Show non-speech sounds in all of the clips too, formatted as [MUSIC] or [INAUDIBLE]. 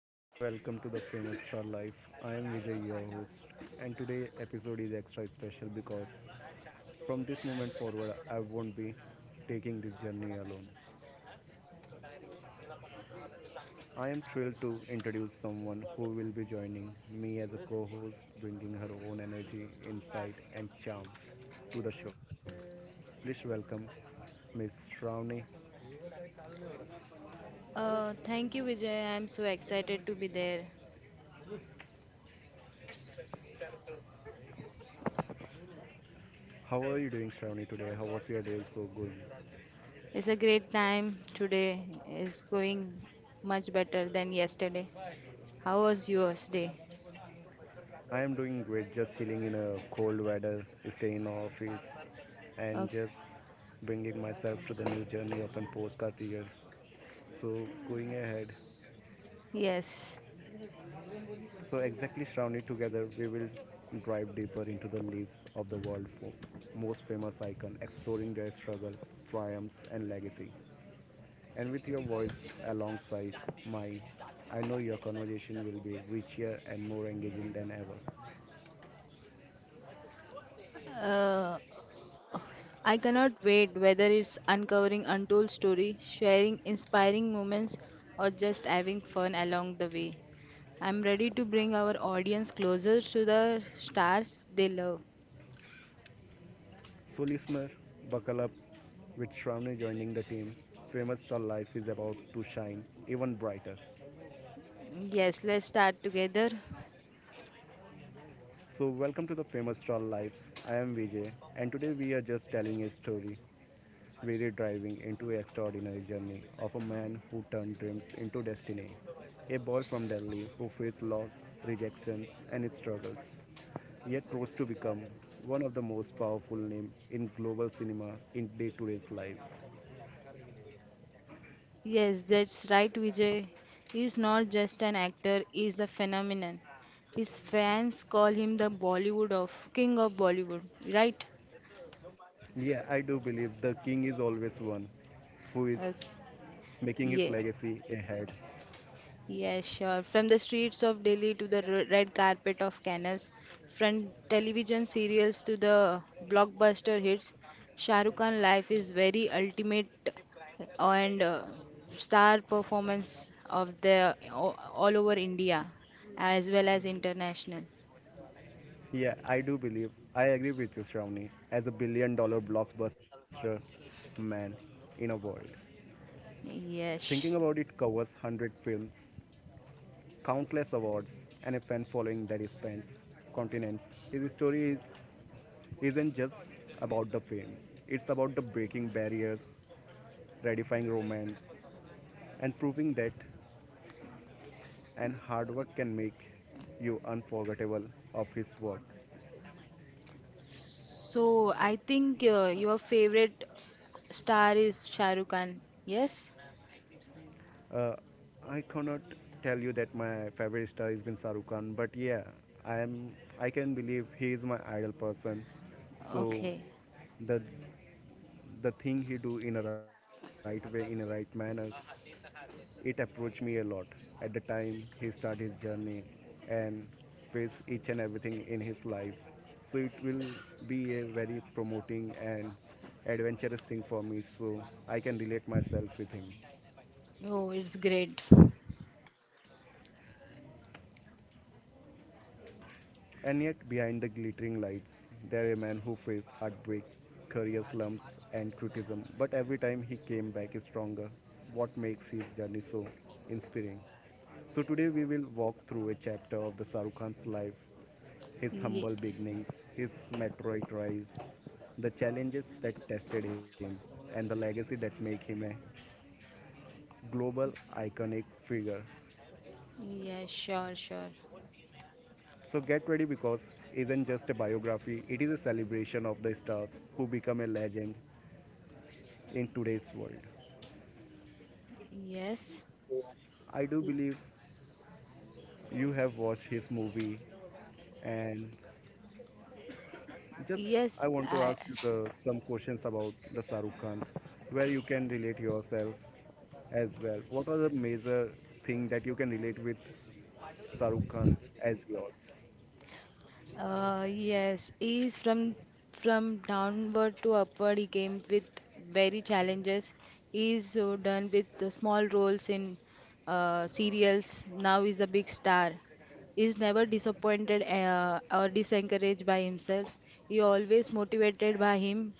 Hello and welcome to the famous Star Life. I am Vijay, your host, and today episode is extra special because from this moment forward, I won't be taking this journey alone. I am thrilled to introduce someone who will be joining me as a co-host, bringing her own energy, insight, and charm to the show. Please welcome Miss Shravani. Thank you, Vijay. I'm so excited to be there. How are you doing, Shravani? Today, how was your day so going? It's a great time today. It's going much better than yesterday. How was yours day? I am doing great, just chilling in a cold weather, staying in the office, Oh, and just bringing myself to the new journey of an postcard year. So, going ahead, yes. so exactly surrounded together, we will drive deeper into the lives of the world for most famous icon, exploring their struggle, triumphs, and legacy. And with your voice alongside mine, I know your conversation will be richer and more engaging than ever. Uh, I cannot wait whether it's uncovering untold story, sharing inspiring moments, or just having fun along the way. I'm ready to bring our audience closer to the stars they love. So, listener, buckle up with Shravani joining the team. Famous Star Life is about to shine even brighter. Yes, let's start together. So, welcome to the Famous Star Life. I am Vijay, and today we are just telling a story. We're driving into an extraordinary journey of a man who turned dreams into destiny. A boy from Delhi who faced loss, rejections, and struggles, yet rose to become one of the most powerful names in global cinema in day-to-day's life. Yes, that's right, Vijay. He's not just an actor, he's a phenomenon. His fans call him the Bollywood of King of Bollywood, right? Yeah, I do believe the king is always one who is Uh, making yeah, his legacy ahead. yeah, sure. From the streets of Delhi to the red carpet of Cannes, from television serials to the blockbuster hits, Shah Rukh Khan life is very ultimate and star performance of the all over India as well as international. Yeah, I do believe. I agree with you, Shravani, as a billion dollar blockbuster man in a world. Thinking about Yes. it covers 100 films, countless awards, and a fan following that spans continents. His story is, isn't just about the fame, it's about the breaking barriers, redefining romance, and proving that and hard work can make you unforgettable of his work. So I think your favorite star is Shah Rukh Khan. Yes? Uh, I cannot tell you that my favorite star has been Shahrukh Khan, but yeah, I am. I can believe he is my idol person. So Okay. the the thing he do in a right way, in a right manners, it approached me a lot at the time he started his journey and face each and everything in his life so it will be a very promoting and adventurous thing for me so I can relate myself with him. Oh, it's great. And yet, behind the glittering lights, there were men who faced heartbreak, career slumps, and criticism. But every time he came back stronger, what makes his journey so inspiring? So, today we will walk through a chapter of the Sarukhan's Khan's life, his Yeah, humble beginnings, his meteoric rise, the challenges that tested him, and the legacy that make him a global iconic figure. yeah, sure, sure. So get ready because isn't just a biography, it is a celebration of the stars who become a legend in today's world. Yes. I do believe you have watched his movie and just Yes, I want to I. ask you the some questions about the Sarukh Khan's where you can relate yourself as well. What are the major thing that you can relate with Sarukh Khan as yours? Yes, is from downward to upward. He came with very challenges. He's done with the small roles in serials. Now he's a big star. He's never disappointed or disencouraged by himself. He always motivated by him,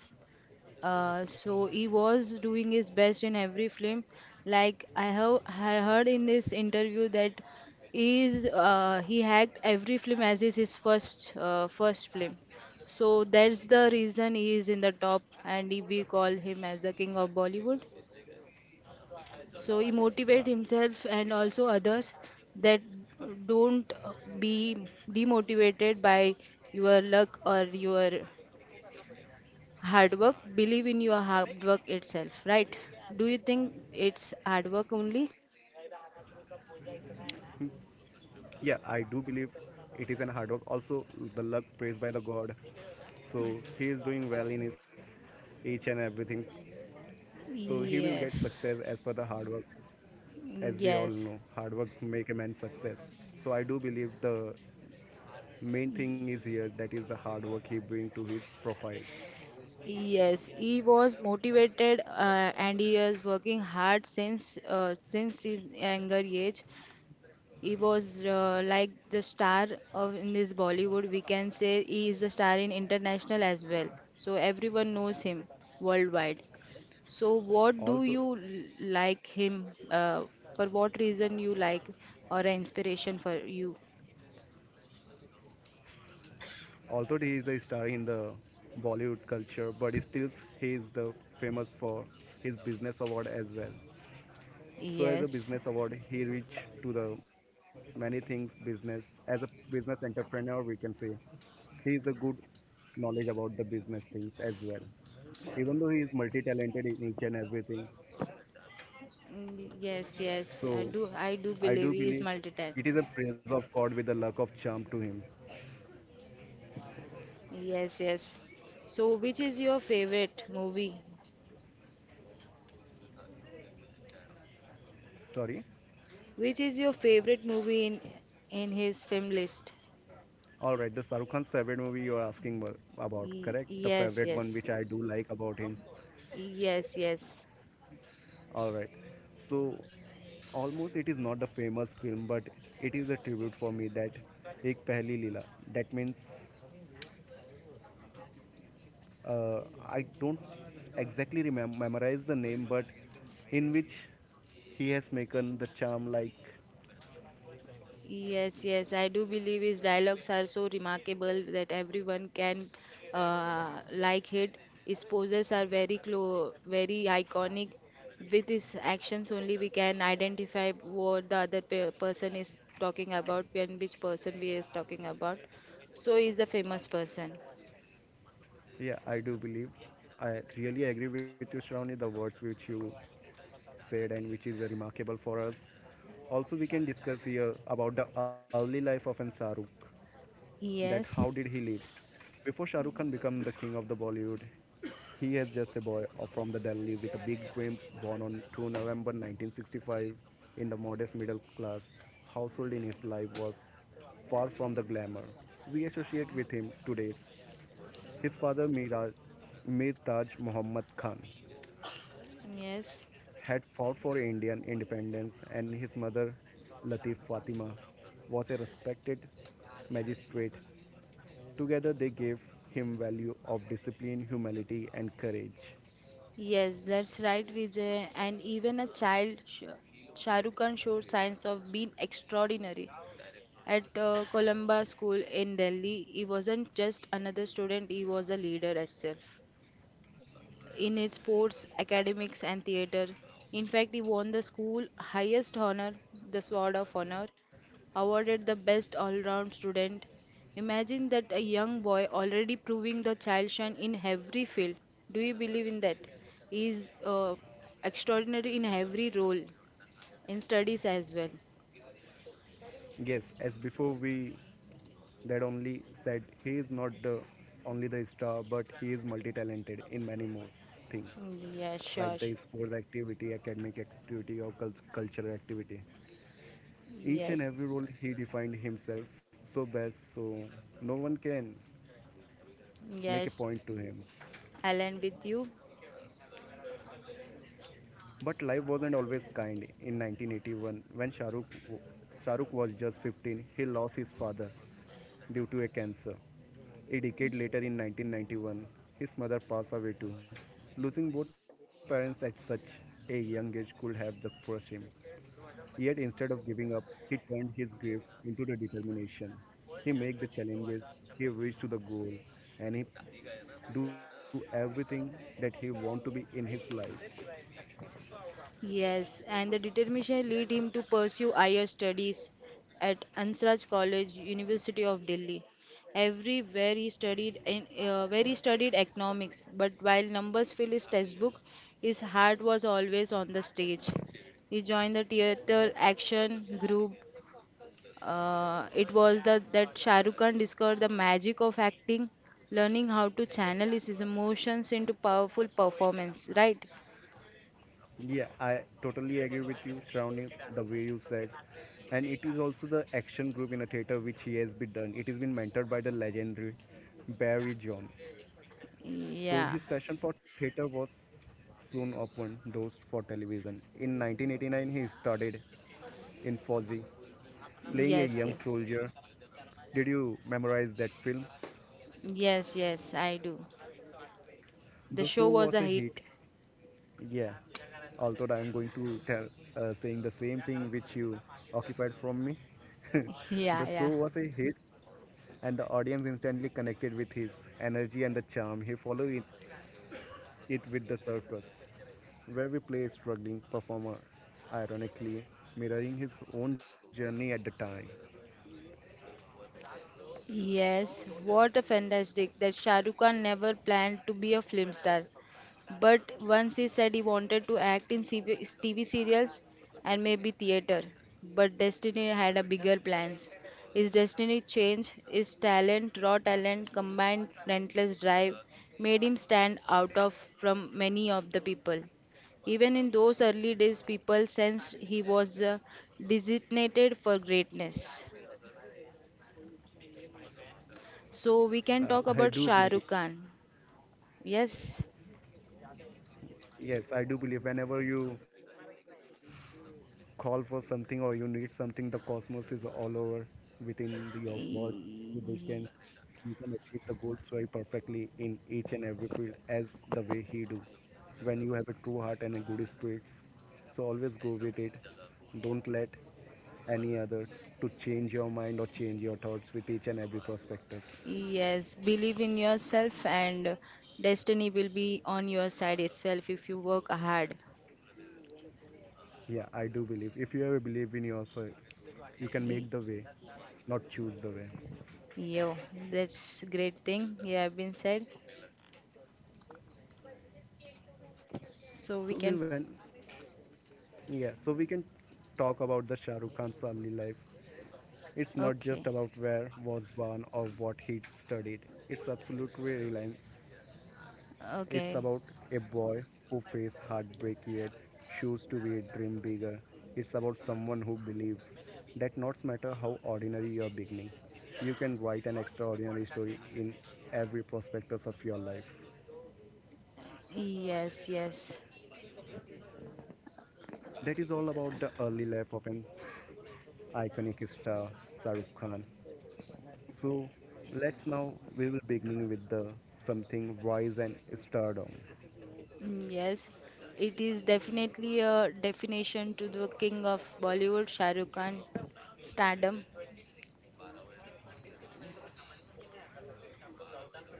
so he was doing his best in every film. Like I heard in this interview that he hacked every film as is his first film. So that's the reason he is in the top and we call him as the king of Bollywood. So he motivate himself and also others that don't be demotivated by your luck or your hard work. Believe in your hard work itself, right? Do you think it's hard work only? Yeah, I do believe it is an hard work. Also, the luck praised by the God. So he is doing well in his each and everything. So he will get success Yes. as per the hard work. As we all Yes, know, hard work make a man success. So I do believe the main thing is here that is the hard work he bring to his profile. yes, he was motivated, and he is working hard since his younger age. He was like the star of in this Bollywood. We can say he is a star in international as well. So everyone knows him worldwide. So what do Although you like him? For what reason you like or an inspiration for you? although he is a star in the Bollywood culture, but still he is the famous for his business award as well. So as a Yes. business award, he reached to the many things business. As a business entrepreneur, we can say he is a good knowledge about the business things as well. Even though he is multi-talented in each and everything, Mm, yes, yes. I so do, I do I believe do he is believe multi-talented. it is a praise of God with the luck of charm to him. Yes, yes. So, which is your favorite movie? Sorry. Which is your favorite movie in his film list? All right, the Sarukhan's favorite movie you are asking about, correct? The Yes, favorite one yes, which I do like about him. yes, yes. All right. So almost it is not a famous film, but it is a tribute for me that एक पहली लीला. That means uh, I don't exactly remember memorize the name, but in which he has making the charm like Yes, yes, I do believe his dialogues are so remarkable that everyone can like it. His poses are very clo very iconic. With his actions only we can identify what the other pe person is talking about and which person we is talking about. So he's a famous person. yeah I do believe I really agree with you Shravani, the words which you said and which is remarkable for us. Also we can discuss here about the early life of an Shahrukh, that how Yes. did he live? Before Shah Rukh Khan became the king of the Bollywood, he is just a boy from the Delhi with a big dreams born on 2 November 1965 in the modest middle class household in his life was far from the glamour we associate with him today. His father Miraj, Mir Taj Muhammad Khan Yes, had fought for Indian independence and his mother Latif Fatima was a respected magistrate. Together, they gave him value of discipline, humility, and courage. yes, that's right, Vijay. And even a child, Shah Rukh Khan showed signs of being extraordinary. At Columba School in Delhi, he wasn't just another student, he was a leader itself. In his sports, academics, and theatre, in fact, he won the school highest honor, the Sword of Honor, awarded the best all round student. Imagine that a young boy already proving the child shine in every field. Do you believe in that? He is extraordinary in every role, in studies as well. Yes, as before we that only said he is not the only the star, but he is multi-talented in many more things Mm, yeah, like sure. the sports activity, academic activity, or cultural activity. Each and Yes. every role he defined himself so best, so no one can make a Yes. point to him. Align with you? But life wasn't always kind. In 1981, when Shah Rukh was just 15, he lost his father due to a cancer. A decade later, in 1991, his mother passed away too. Losing both parents at such a young age could have crushed him. Yet instead of giving up, he turned his grief into the determination. He made the challenges, he reached to the goal, and he do everything that he want to be in his life. Yes, and the determination lead him to pursue higher studies at Ansaraj College, University of Delhi. Everywhere he studied in where he studied economics, but while numbers fill his textbook, his heart was always on the stage. He joined the theater action group. It was the, that Shah Rukh Khan discovered the magic of acting, learning how to channel his emotions into powerful performance, right? Yeah, I totally agree with you, Shravani, the way you said. And it is also the action group in a theater which he has been done. It has been mentored by the legendary Barry John. So Yeah. his passion for theater was soon opened doors for television. In 1989, he started in Fozzie, playing a Yes, young yes. soldier. Did you memorize that film? Yes, yes, I do. The The show show was a was a hit. hit. Yeah, although I'm going to tell saying the same thing which you occupied from me. [LAUGHS] [LAUGHS] Yeah, The show yeah. was a hit, and the audience instantly connected with his energy and the charm. He followed it with the circus, where we play a struggling performer, ironically mirroring his own journey at the time. Yes, what a fantastic that Shah Rukh Khan never planned to be a film star. But once he said he wanted to act in CV TV serials and maybe theater. But Destiny had a bigger plans. His destiny changed, his talent, raw talent, combined relentless drive made him stand out of from many of the people. Even in those early days, people sensed he was designated for greatness. So we can Uh, talk I about do Shah believe, Rukh Khan. Yes. yes, I do believe. Whenever you call for something or you need something, the cosmos is all over within your words. So they can Y- you can achieve the goals very perfectly in each and every field as the way he do. When you have a true heart and a good spirits, so always go with it. Don't let any other to change your mind or change your thoughts with each and every prospectus. Yes, believe in yourself and destiny will be on your side itself if you work hard. Yeah, I do believe. If you ever believe in yourself, you can Y- make the way, not choose the way. Yo, that's great thing you have been said. So we So we can went. Yeah, so we can talk about the Shah Rukh Khan's early life. It's not just okay. about where was born or what he studied. It's absolutely reliance. It's Okay. about a boy who faced heartbreak yet chose to be a dream bigger. It's about someone who believes that not matter how ordinary your beginning, you can write an extraordinary story in every prospectus of your life. Yes, yes. That is all about the early life of an iconic star, Shah Rukh Khan. So let's now we will beginning with the something wise and stardom. Mm, yes, it is definitely a definition to the king of Bollywood, Shah Rukh Khan stardom.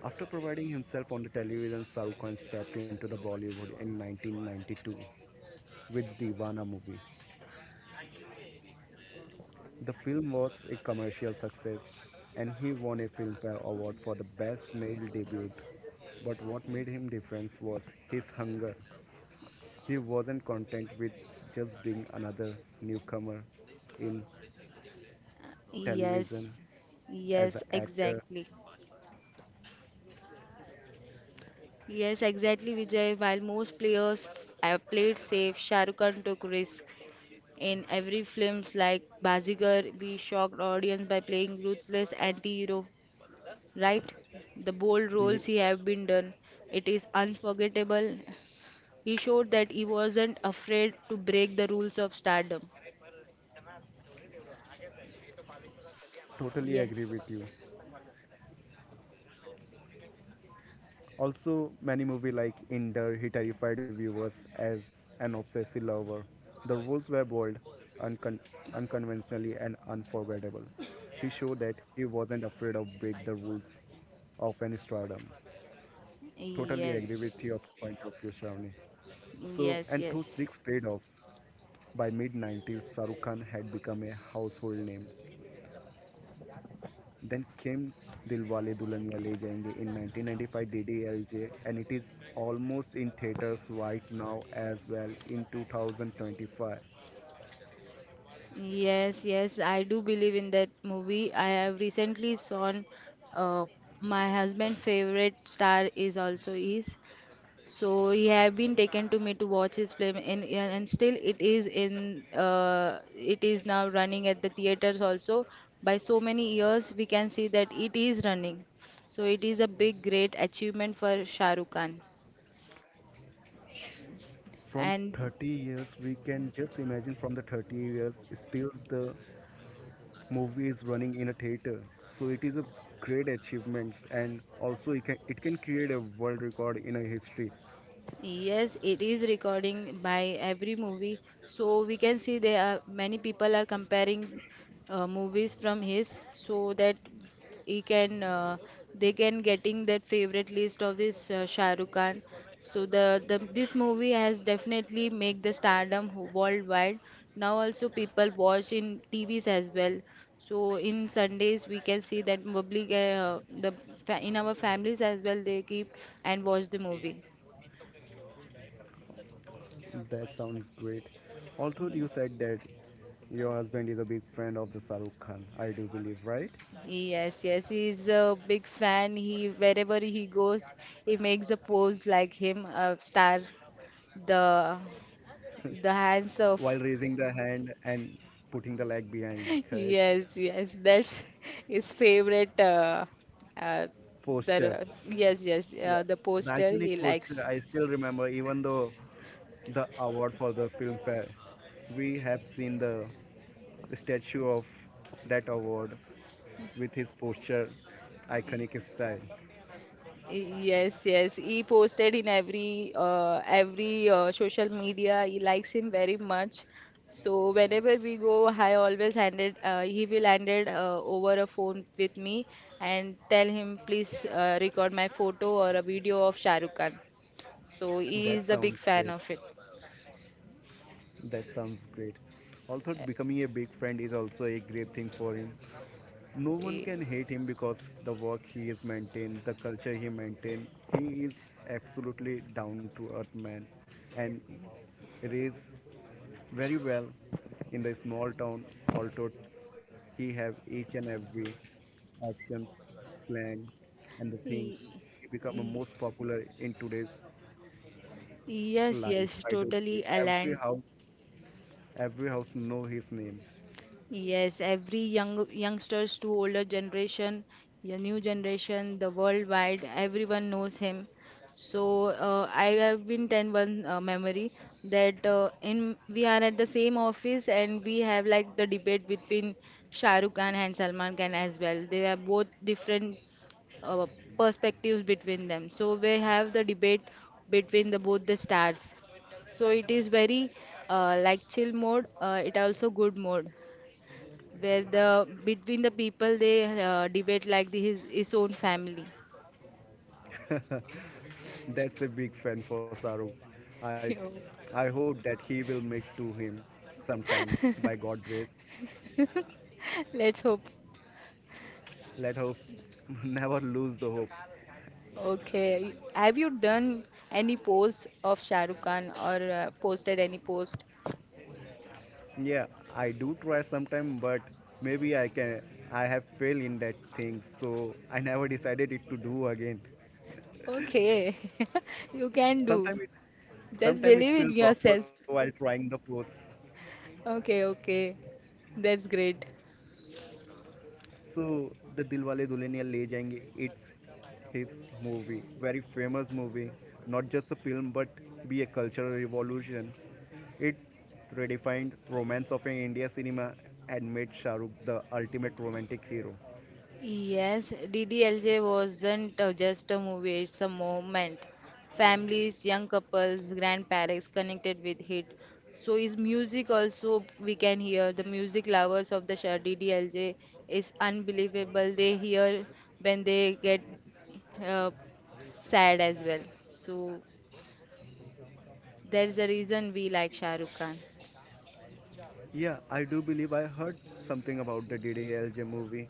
After providing himself on the television, Shahrukh Khan stepped into the Bollywood in 1992 with Deewana movie. The film was a commercial success and he won a Filmfare Award for the best male debut. But what made him different was his hunger. He wasn't content with just being another newcomer in television Yes, as an yes, actor. exactly. Yes, exactly, Vijay. While most players have played safe, Shah Rukh Khan took risk. In every films like Bazigar, we shocked audience by playing ruthless anti-hero, right? The bold roles he Ye- have been done, it is unforgettable. He showed that he wasn't afraid to break the rules of stardom. totally agree with you. Yes, Also, many movie like Ender, he terrified viewers as an obsessive lover. The roles were bold, uncon- unconventionally, and unforgettable. He showed that he wasn't afraid of break the rules of any stardom. Totally agree with your yes, point of view, Shravani. So, and yes, those yes. tricks paid off. By mid 90s, Sarukhan had become a household name. Then came Dilwale Dulhaniya Le Jayenge in 1995 DDLJ and it is almost in theaters right now as well in 2025. Yes, yes, I do believe in that movie. I have recently seen. uh, my husband' favorite star is also is. So he have been taken to me to watch his film and still it is in, uh, it is now running at the theaters also. By so many years we can see that it is running. So it is a big great achievement for Shah Rukh Khan. From And 30 years we can just imagine from the 30 years still the movie is running in a theater. So it is a great achievement and it can create a world record in a history. yes, it is recording by every movie. So we can see there are many people are comparing movies from his so that he can, they can getting their favorite list of this Shah Rukh Khan. So the this movie has definitely make the stardom worldwide. Now also people watch in TVs as well. So in Sundays we can see that public, in our families as well they keep and watch the movie. That sounds great. Although Hmm. you said that your husband is a big friend of the Shahrukh Khan, I do believe, right? Yes, yes, he's a big fan. He wherever he goes, he makes a pose like him, a star, the the hands While of. raising the hand and putting the leg behind. [LAUGHS] Correct Yes, yes, that's his favorite. Uh, posture. Yes, Yeah, the the poster iconic he posture likes. I still remember, even though the award for the filmfare, we have seen the statue of that award with his posture, iconic style. Yes, yes. He posted in every social media. He likes him very much. So whenever we go, I always handed he will handed over a phone with me and tell him please record my photo or a video of Shah Rukh Khan. So he That is a big sounds fan great. of it. That sounds great. Also, Uh, becoming a big friend is also a great thing for him. No one he- can hate him because the work he is maintained, the culture he maintained. He is absolutely down to earth man, and it is very well in the small town. Although he have each and every actions plan and the thing he- he become a he- most popular in today's Yes, life. yes, I do totally believe aligned. Every house know his name. Yes, every young youngsters to older generation, your new generation, the worldwide, everyone knows him. So I have been 10 1 memory that in we are at the same office and we have like the debate between Shah Rukh Khan and Salman Khan as well. They have both different uh, perspectives between them. So we have the debate between the both the stars. So it is very like chill mode. It also good mode where the between the people they debate like his own family. [LAUGHS] That's a big fan for Saruk. I, I [LAUGHS] hope that he will make to him sometimes by God grace. Let's hope. Let hopes [LAUGHS] never lose the hope. Okay. Have you done any post of Shah Rukh Khan or posted any post? Yeah, I do try sometime, but maybe I can. I have failed in that thing, so I never decided it to do again. Okay. [LAUGHS] You can do. Sometimes it, Just sometimes it believe in feels awkward yourself. while trying the pose. Okay, okay. That's great. So the Dilwale Dulhaniya Le Jayenge, it's his movie, very famous movie, not just a film but be a cultural revolution. It redefined romance of an India cinema and made Shah Rukh the ultimate romantic hero. Yes, DDLJ wasn't just a movie, it's a moment. Families, young couples, grandparents connected with it. So is music also we can hear the music lovers of the Shah DDLJ is unbelievable. They hear when they get uh, sad as well. So there's a reason we like Shah Rukh Khan. Yeah, I do believe I heard something about the DDLJ movie.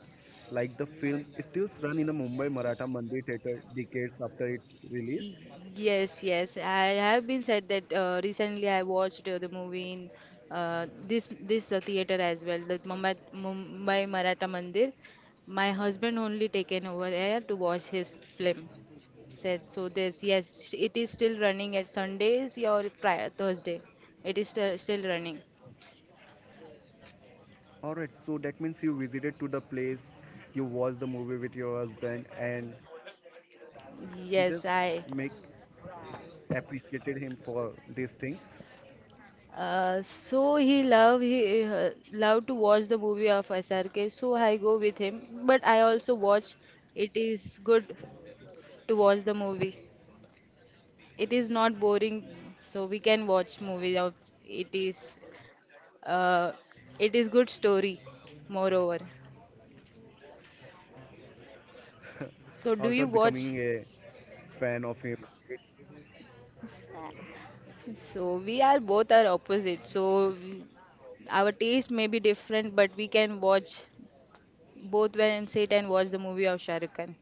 Like the film still run in the Mumbai Maratha Mandir theater decades after its release. Y- Yes, yes. I have been said that recently I watched the movie in, this this theater as well, the Mumbai Maratha Mandir. My husband only taken over there to watch his film. Said so. This yes, it is still running at Sundays or Friday, Thursday. It is still running. Alright, so that means you visited to the place, you watched the movie with your husband, and just make Yes, I. appreciated him for these things. So he love to watch the movie of SRK, so I go with him. But I also watch. It is good to watch the movie. It is not boring, so we can watch movie of it is uh, it is good story. Moreover, Although becoming so a do you watch? fan of him. So we are both are opposite. So our taste may be different, but we can watch both when and sit and watch the movie of Shah Rukh Khan.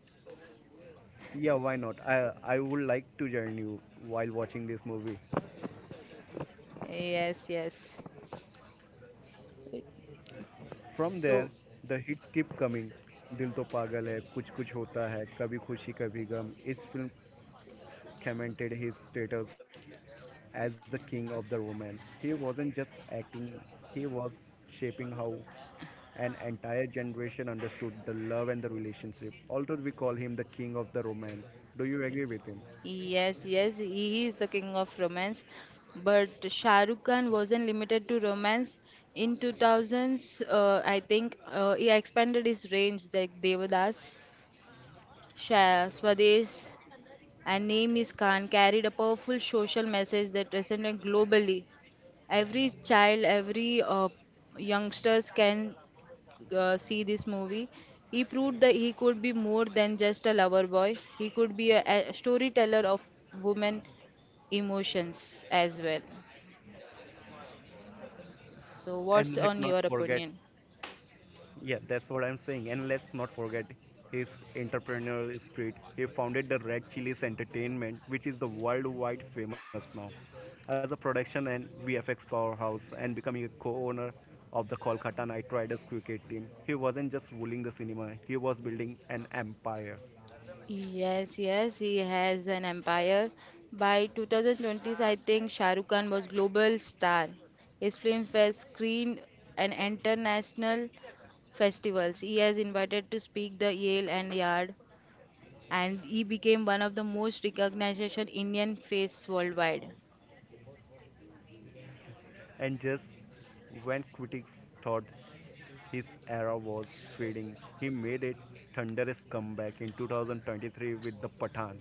Yeah, why not? I would like to join you while watching this movie. Yes, yes. From there, So, the hits keep coming. दिल तो पागल है कुछ कुछ होता है कभी खुशी कभी गम इस film commented his status as the king of the romance. He wasn't just acting, he was shaping how an entire generation understood the love and the relationship. Although we call him the king of the romance. Do you agree with him? yes, yes, he is the king of romance. But Shah Rukh Khan wasn't limited to romance. In 2000s, I think he expanded his range like Devadas, Sha Swadesh, and Name is Khan carried a powerful social message that resonated globally. Every child, every youngsters can see this movie, he proved that he could be more than just a lover boy. He could be a storyteller of women emotions as well. So, And what's let on not your forget opinion? Yeah, that's what I'm saying. And let's not forget his entrepreneurial spirit. He founded the Red Chilies Entertainment, which is the worldwide famous now, as a production and VFX powerhouse, and becoming a co-owner of the Kolkata Knight Riders cricket team. He wasn't just ruling the cinema; he was building an empire. Yes, yes, he has an empire. By 2020s, I think Shah Rukh Khan was global star. His films were screened at international festivals. He has invited to speak the Yale and Yard and he became one of the most recognized Indian face worldwide. And just when critics thought his era was fading, he made a thunderous comeback in 2023 with the Pathan.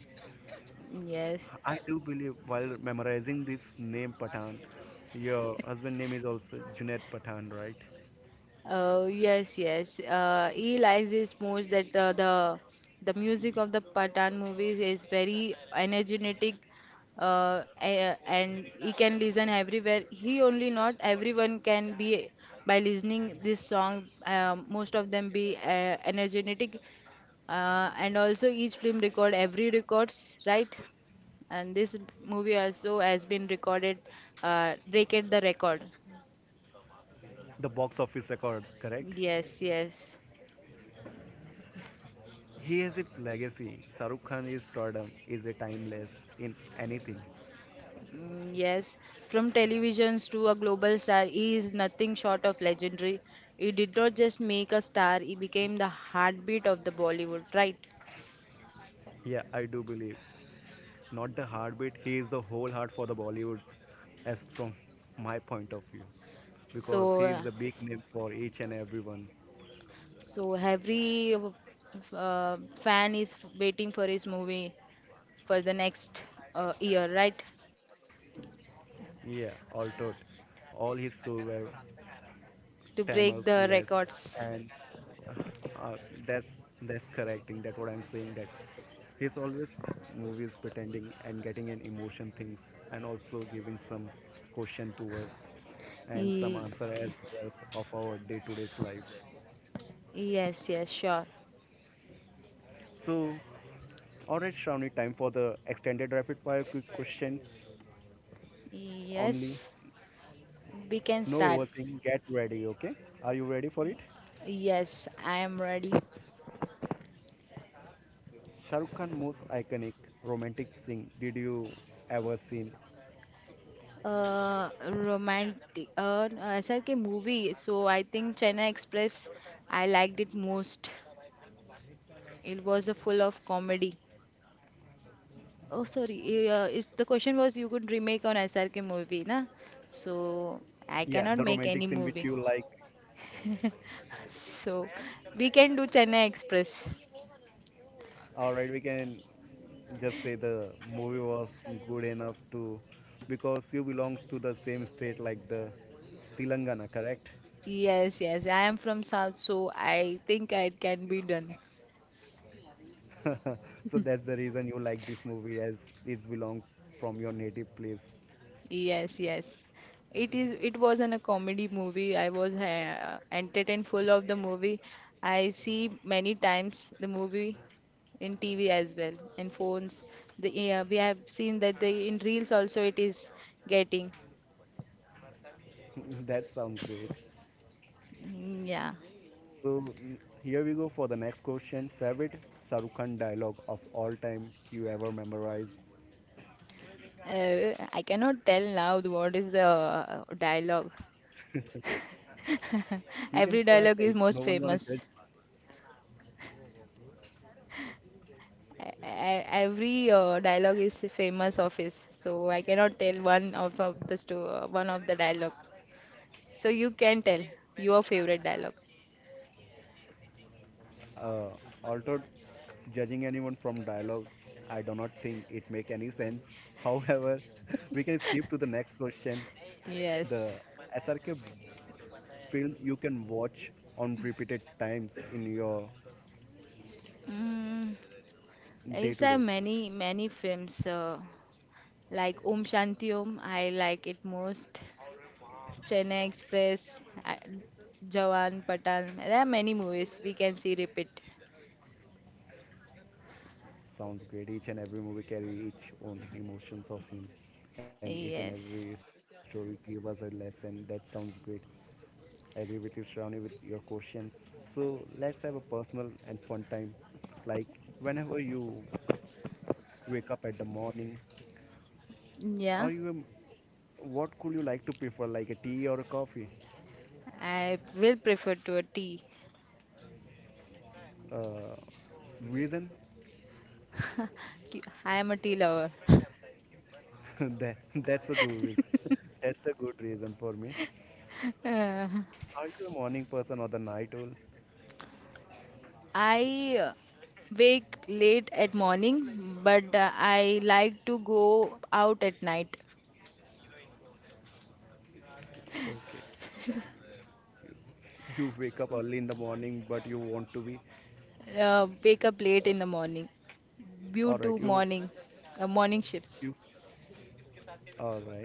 Yes. I do believe while memorizing this name Pathan, your husband name is also Junaid Pathan, right? Yes, yes. He likes this most that the music of the Pathan movies is very energetic, and he can listen everywhere. He only not everyone can be by listening this song. Most of them be energetic, and also each film record every records, right? And this movie also has been recorded, Break It the Record. The box office record, correct? Yes, yes. He has a legacy. Saruk Khan is stardom is a timeless in anything. Mm, yes, from televisions to a global star, he is nothing short of legendary. He did not just make a star, he became the heartbeat of the Bollywood, right? Yeah, I do believe. Not the heartbeat, he is the whole heart for the Bollywood as from my point of view. Because So, he is uh, the big name for each and everyone. so every fan is waiting for his movie for the next year, right? Yeah, all taught. All his shows were To timers break the less records. and uh, that's that's correcting that what I'm saying that he's always movies pretending and getting an emotion things and also giving some question to us and some Ye- answer as well of our day-to-day's life. Yes, yes, sure. So all right Shravani, time for the extended rapid fire quick questions only. Yes, we can No start. overthink, get ready. Okay, are you ready for it? Yes, I am ready. Shahrukh Khan most iconic romantic scene did you ever seen? Romantic. SRK movie. So I think China Express. I liked it most. It was a full of comedy. Oh, sorry. Is the question was you could remake on SRK movie, na? So Yeah, I the cannot make romantic any scene which movie. you like. [LAUGHS] So we can do Chennai Express. All right, we can just say the movie was good enough to because you belongs to the same state like the Telangana, correct? Yes, yes. I am from South, so I think it can be done. [LAUGHS] So that's the reason you like this movie as it's belong from your native place. Yes, yes. It is. It was an a comedy movie. I was entertained full of the movie. I see many times the movie in TV as well in phones. The yeah, we have seen that the in reels also it is getting. [LAUGHS] That sounds great. Mm, yeah, So here we go for the next question. Favorite Shahrukh Khan dialogue of all time you ever memorized? I cannot tell now the- what is the dialogue. [LAUGHS] You can Every try it. dialogue is No most one gonna judge. famous. I, every dialogue is famous of his, so I cannot tell one of the sto one of the dialogue. So you can tell your favorite dialogue. Uh, although judging anyone from dialogue, I do not think it make any sense. However, [LAUGHS] we can skip to the next question. Yes. The SRK film you can watch on repeated times in your Mm, day it's to a day. many films like Om Shanti Om. I like it most. Chennai Express, I, Jawan Patan. There are many movies we can see repeat. Sounds great. Each and every movie carry each own emotions of him, and each and every Yes. story give us a lesson. That sounds great. I agree with you, Shravani, with your questions. So let's have a personal and fun time. Like whenever you wake up at the morning, Yeah. are you a what could you like to prefer, like a tea or a coffee? I will prefer to a tea. Uh, reason? [LAUGHS] I am a tea lover. [LAUGHS] That that's a good reason. [LAUGHS] That's a good reason for me. [LAUGHS] Uh, Are you a morning person or the night owl? I wake late at morning, but I like to go out at night. Okay, you, you wake up early in the morning, but you want to be Wake up late in the morning all due right. to You morning morning shifts. you All right.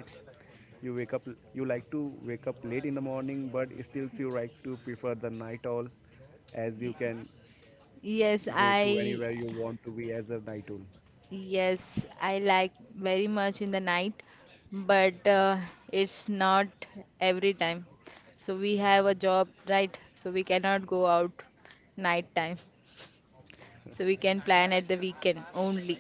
You wake up. You like to wake up late in the morning, but still you like to prefer the night owl, as you Y- can Yes, go to anywhere I you want to be as a night owl. yes, I like very much in the night, but it's not every time. So we have a job, right? So we cannot go out night time. So we can plan at the weekend only.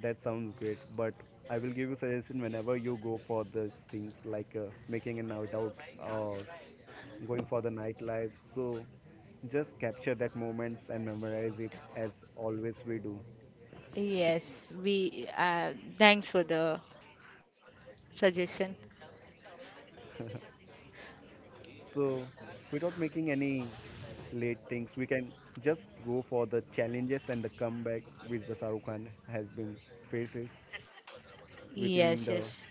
That sounds great. But I will give you suggestion whenever you go for these things like making a night out or going for the nightlife. So just capture that moments and memorize it as always we do. Yes, we thanks for the suggestion. So, without making any late things, we can just go for the challenges and the comeback which the Shahrukh Khan has been faces within the Yes, yes.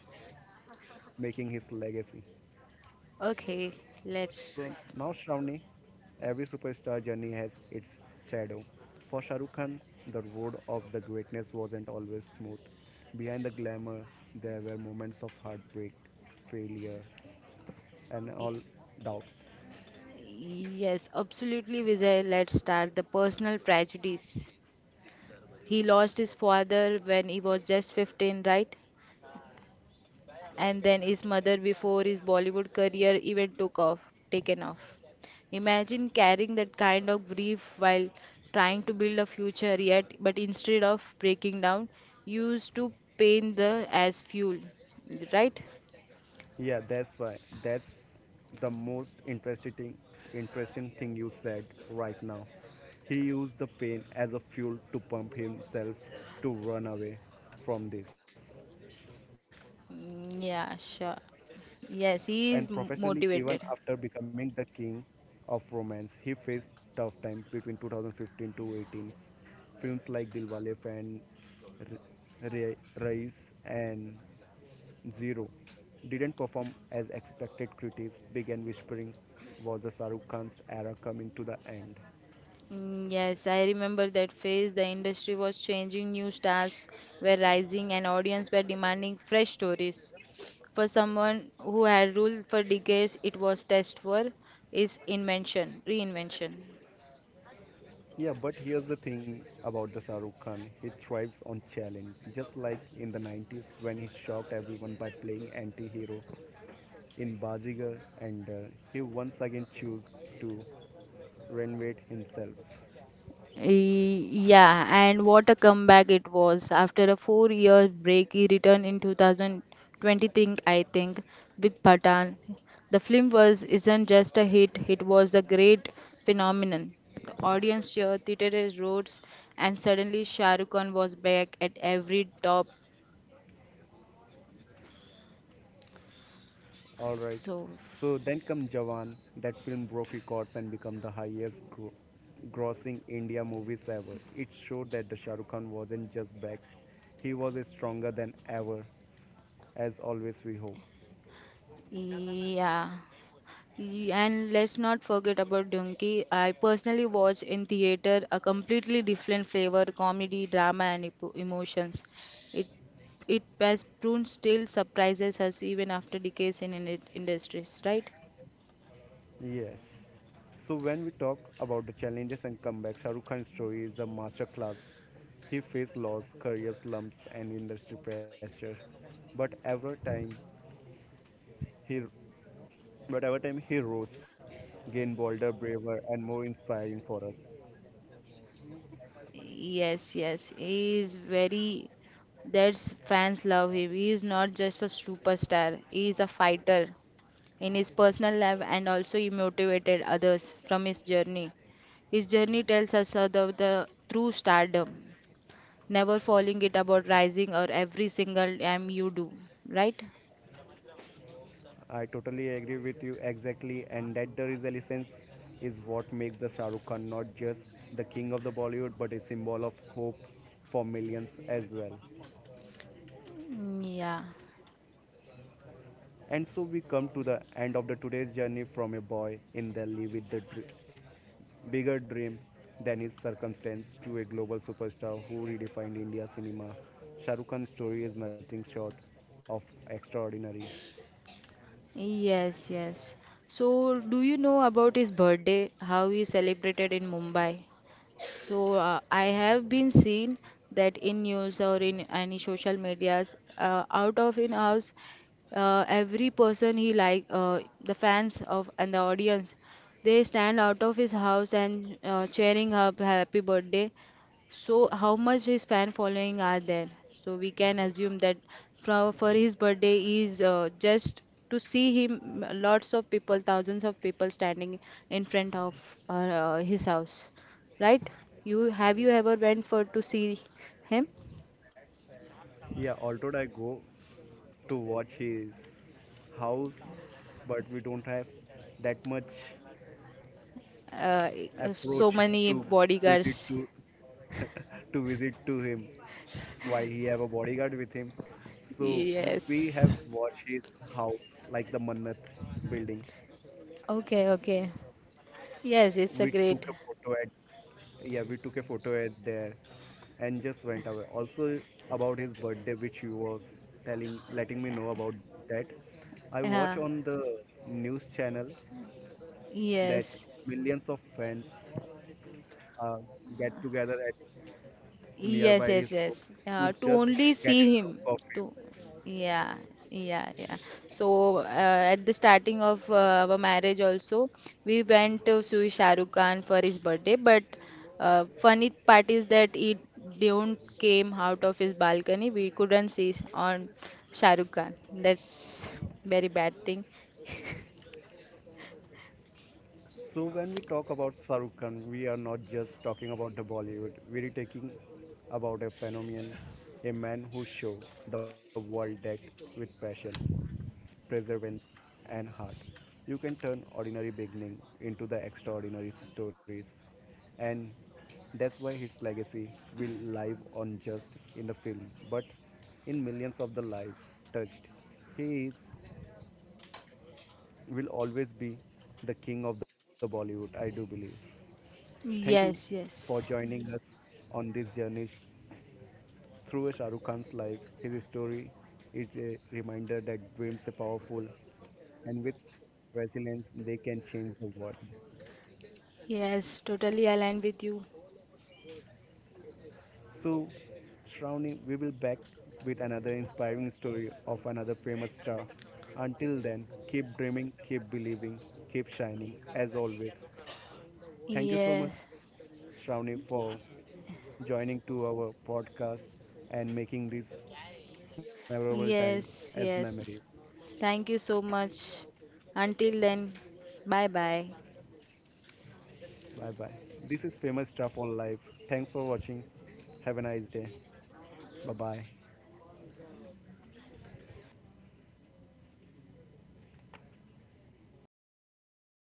making his legacy. Okay, So let's. now Shravani, every superstar journey has its shadow. For Shahrukh Khan, the road of the greatness wasn't always smooth. Behind the glamour, there were moments of heartbreak, failure, and y- all doubts. Yes, absolutely, Vijay. Let's start the personal tragedies. He lost his father when he was just 15, right? And then his mother before his Bollywood career even took off, taken off. Imagine carrying that kind of grief while trying to build a future yet, but instead of breaking down, used to paint the as fuel, right? Yeah, that's why. That's the most interesting thing you said right now. He used the pain as a fuel to pump himself to run away from this. Mm, yeah, sure. Yes, And he is professionally even motivated. after becoming the king of romance he faced tough times between 2015 to 18. Films like Dilwale, Fan, R- Race and Zero didn't perform as expected. Critics began whispering, was the Shahrukh Khan's era coming to the end? Mm, yes, I remember that phase. The industry was changing, new stars were rising, and audience were demanding fresh stories. For someone who had ruled for decades, it was test for its invention, reinvention. Yeah, but here's the thing about the Shahrukh Khan. He thrives on challenge, just like in the 90s when he shocked everyone by playing anti-hero in Bazigar, and he once again chose to renovate himself. Yeah, and what a comeback it was. After a 4 year break, he returned in 2020, I think, with Pathan. The film was isn't just a hit, it was a great phenomenon. The audience cheered, theaters roads, and suddenly Shah Rukh Khan was back at every top. Alright, So, so then come Jawan, that film broke records and became the highest grossing India movies ever. It showed that the Shah Rukh Khan wasn't just back, he was stronger than ever, as always we hope. yeah. And let's not forget about Donkey. I personally watched in theater a completely different flavor, comedy, drama, and emotions. It it has proven still surprises us even after decades in industries, right? Yes. So when we talk about the challenges and comebacks, Shah Rukh Khan's story is a masterclass. He faced loss, career slumps, and industry pressure, but he, but every time he rose, gained bolder, braver, and more inspiring for us. Yes, yes. He is very. That's fans love him. He is not just a superstar. He is a fighter. In his personal life and also he motivated others from his journey. His journey tells us about the true stardom, never falling it about rising or every single time you do, right? I totally agree with you exactly, and that resilience is what makes the Shah Rukh Khan not just the king of the Bollywood, but a symbol of hope for millions as well. Yeah. And so we come to the end of the today's journey from a boy in Delhi with the bigger dream than his circumstance to a global superstar who redefined India cinema. Shah Rukh Khan's story is nothing short of extraordinary. Yes, yes. So, do you know about his birthday, how he celebrated in Mumbai? So I have been seen that in news or in any social medias, out of in house, every person he like the fans of and the audience, they stand out of his house and cheering up happy birthday so, how much his fan following are there? So we can assume that for his birthday is just to see him, lots of people, thousands of people standing in front of uh, his house, right? You ever went for to see him? Yeah, although I go to watch his house, but we don't have that much Uh, so approach many to visit bodyguards. to [LAUGHS] to visit to him while he have a bodyguard with him. So we have Yes. watched his house like the Mannat building. Okay, okay. Yes, it's We a took great. a photo at yeah, we took a photo at there and just went away. Also about his birthday which he was telling letting me know about that. I watch Yeah. on the news channel that Yes. millions of fans uh, get together at Yes, nearby his yes, home yes. To To just only get see a him. look of To him. yeah, yeah, yeah. So at the starting of our marriage also, we went to see Shah Rukh Khan for his birthday. But funny part is that it don't came out of his balcony. We couldn't see on Shah Rukh Khan. That's very bad thing. So when we talk about Sarukhan, Khan, we are not just talking about the Bollywood. We are talking about a phenomenon, a man who showed the world that with passion, perseverance, and heart, you can turn ordinary beginning into the extraordinary stories, and that's why his legacy will live on just in the film, but in millions of the lives touched. He is will always be the king of the Bollywood, I do believe. Thank you Yes, for yes, joining us on this journey through Shah Rukh Khan's life. His story is a reminder that dreams are powerful and with resilience they can change the world. yes. Totally aligned with you. So, Shravani, we will back with another inspiring story of another famous star. Until then, keep dreaming, keep believing, keep shining as always. Thank you so Yes, much, Shravani, for joining to our podcast and making this memorable time as yes, memories. yes. Thank you so much. Until then, bye bye. Bye bye. This is Famous Stuff on Life. Thanks for watching. Have a nice day. Bye bye.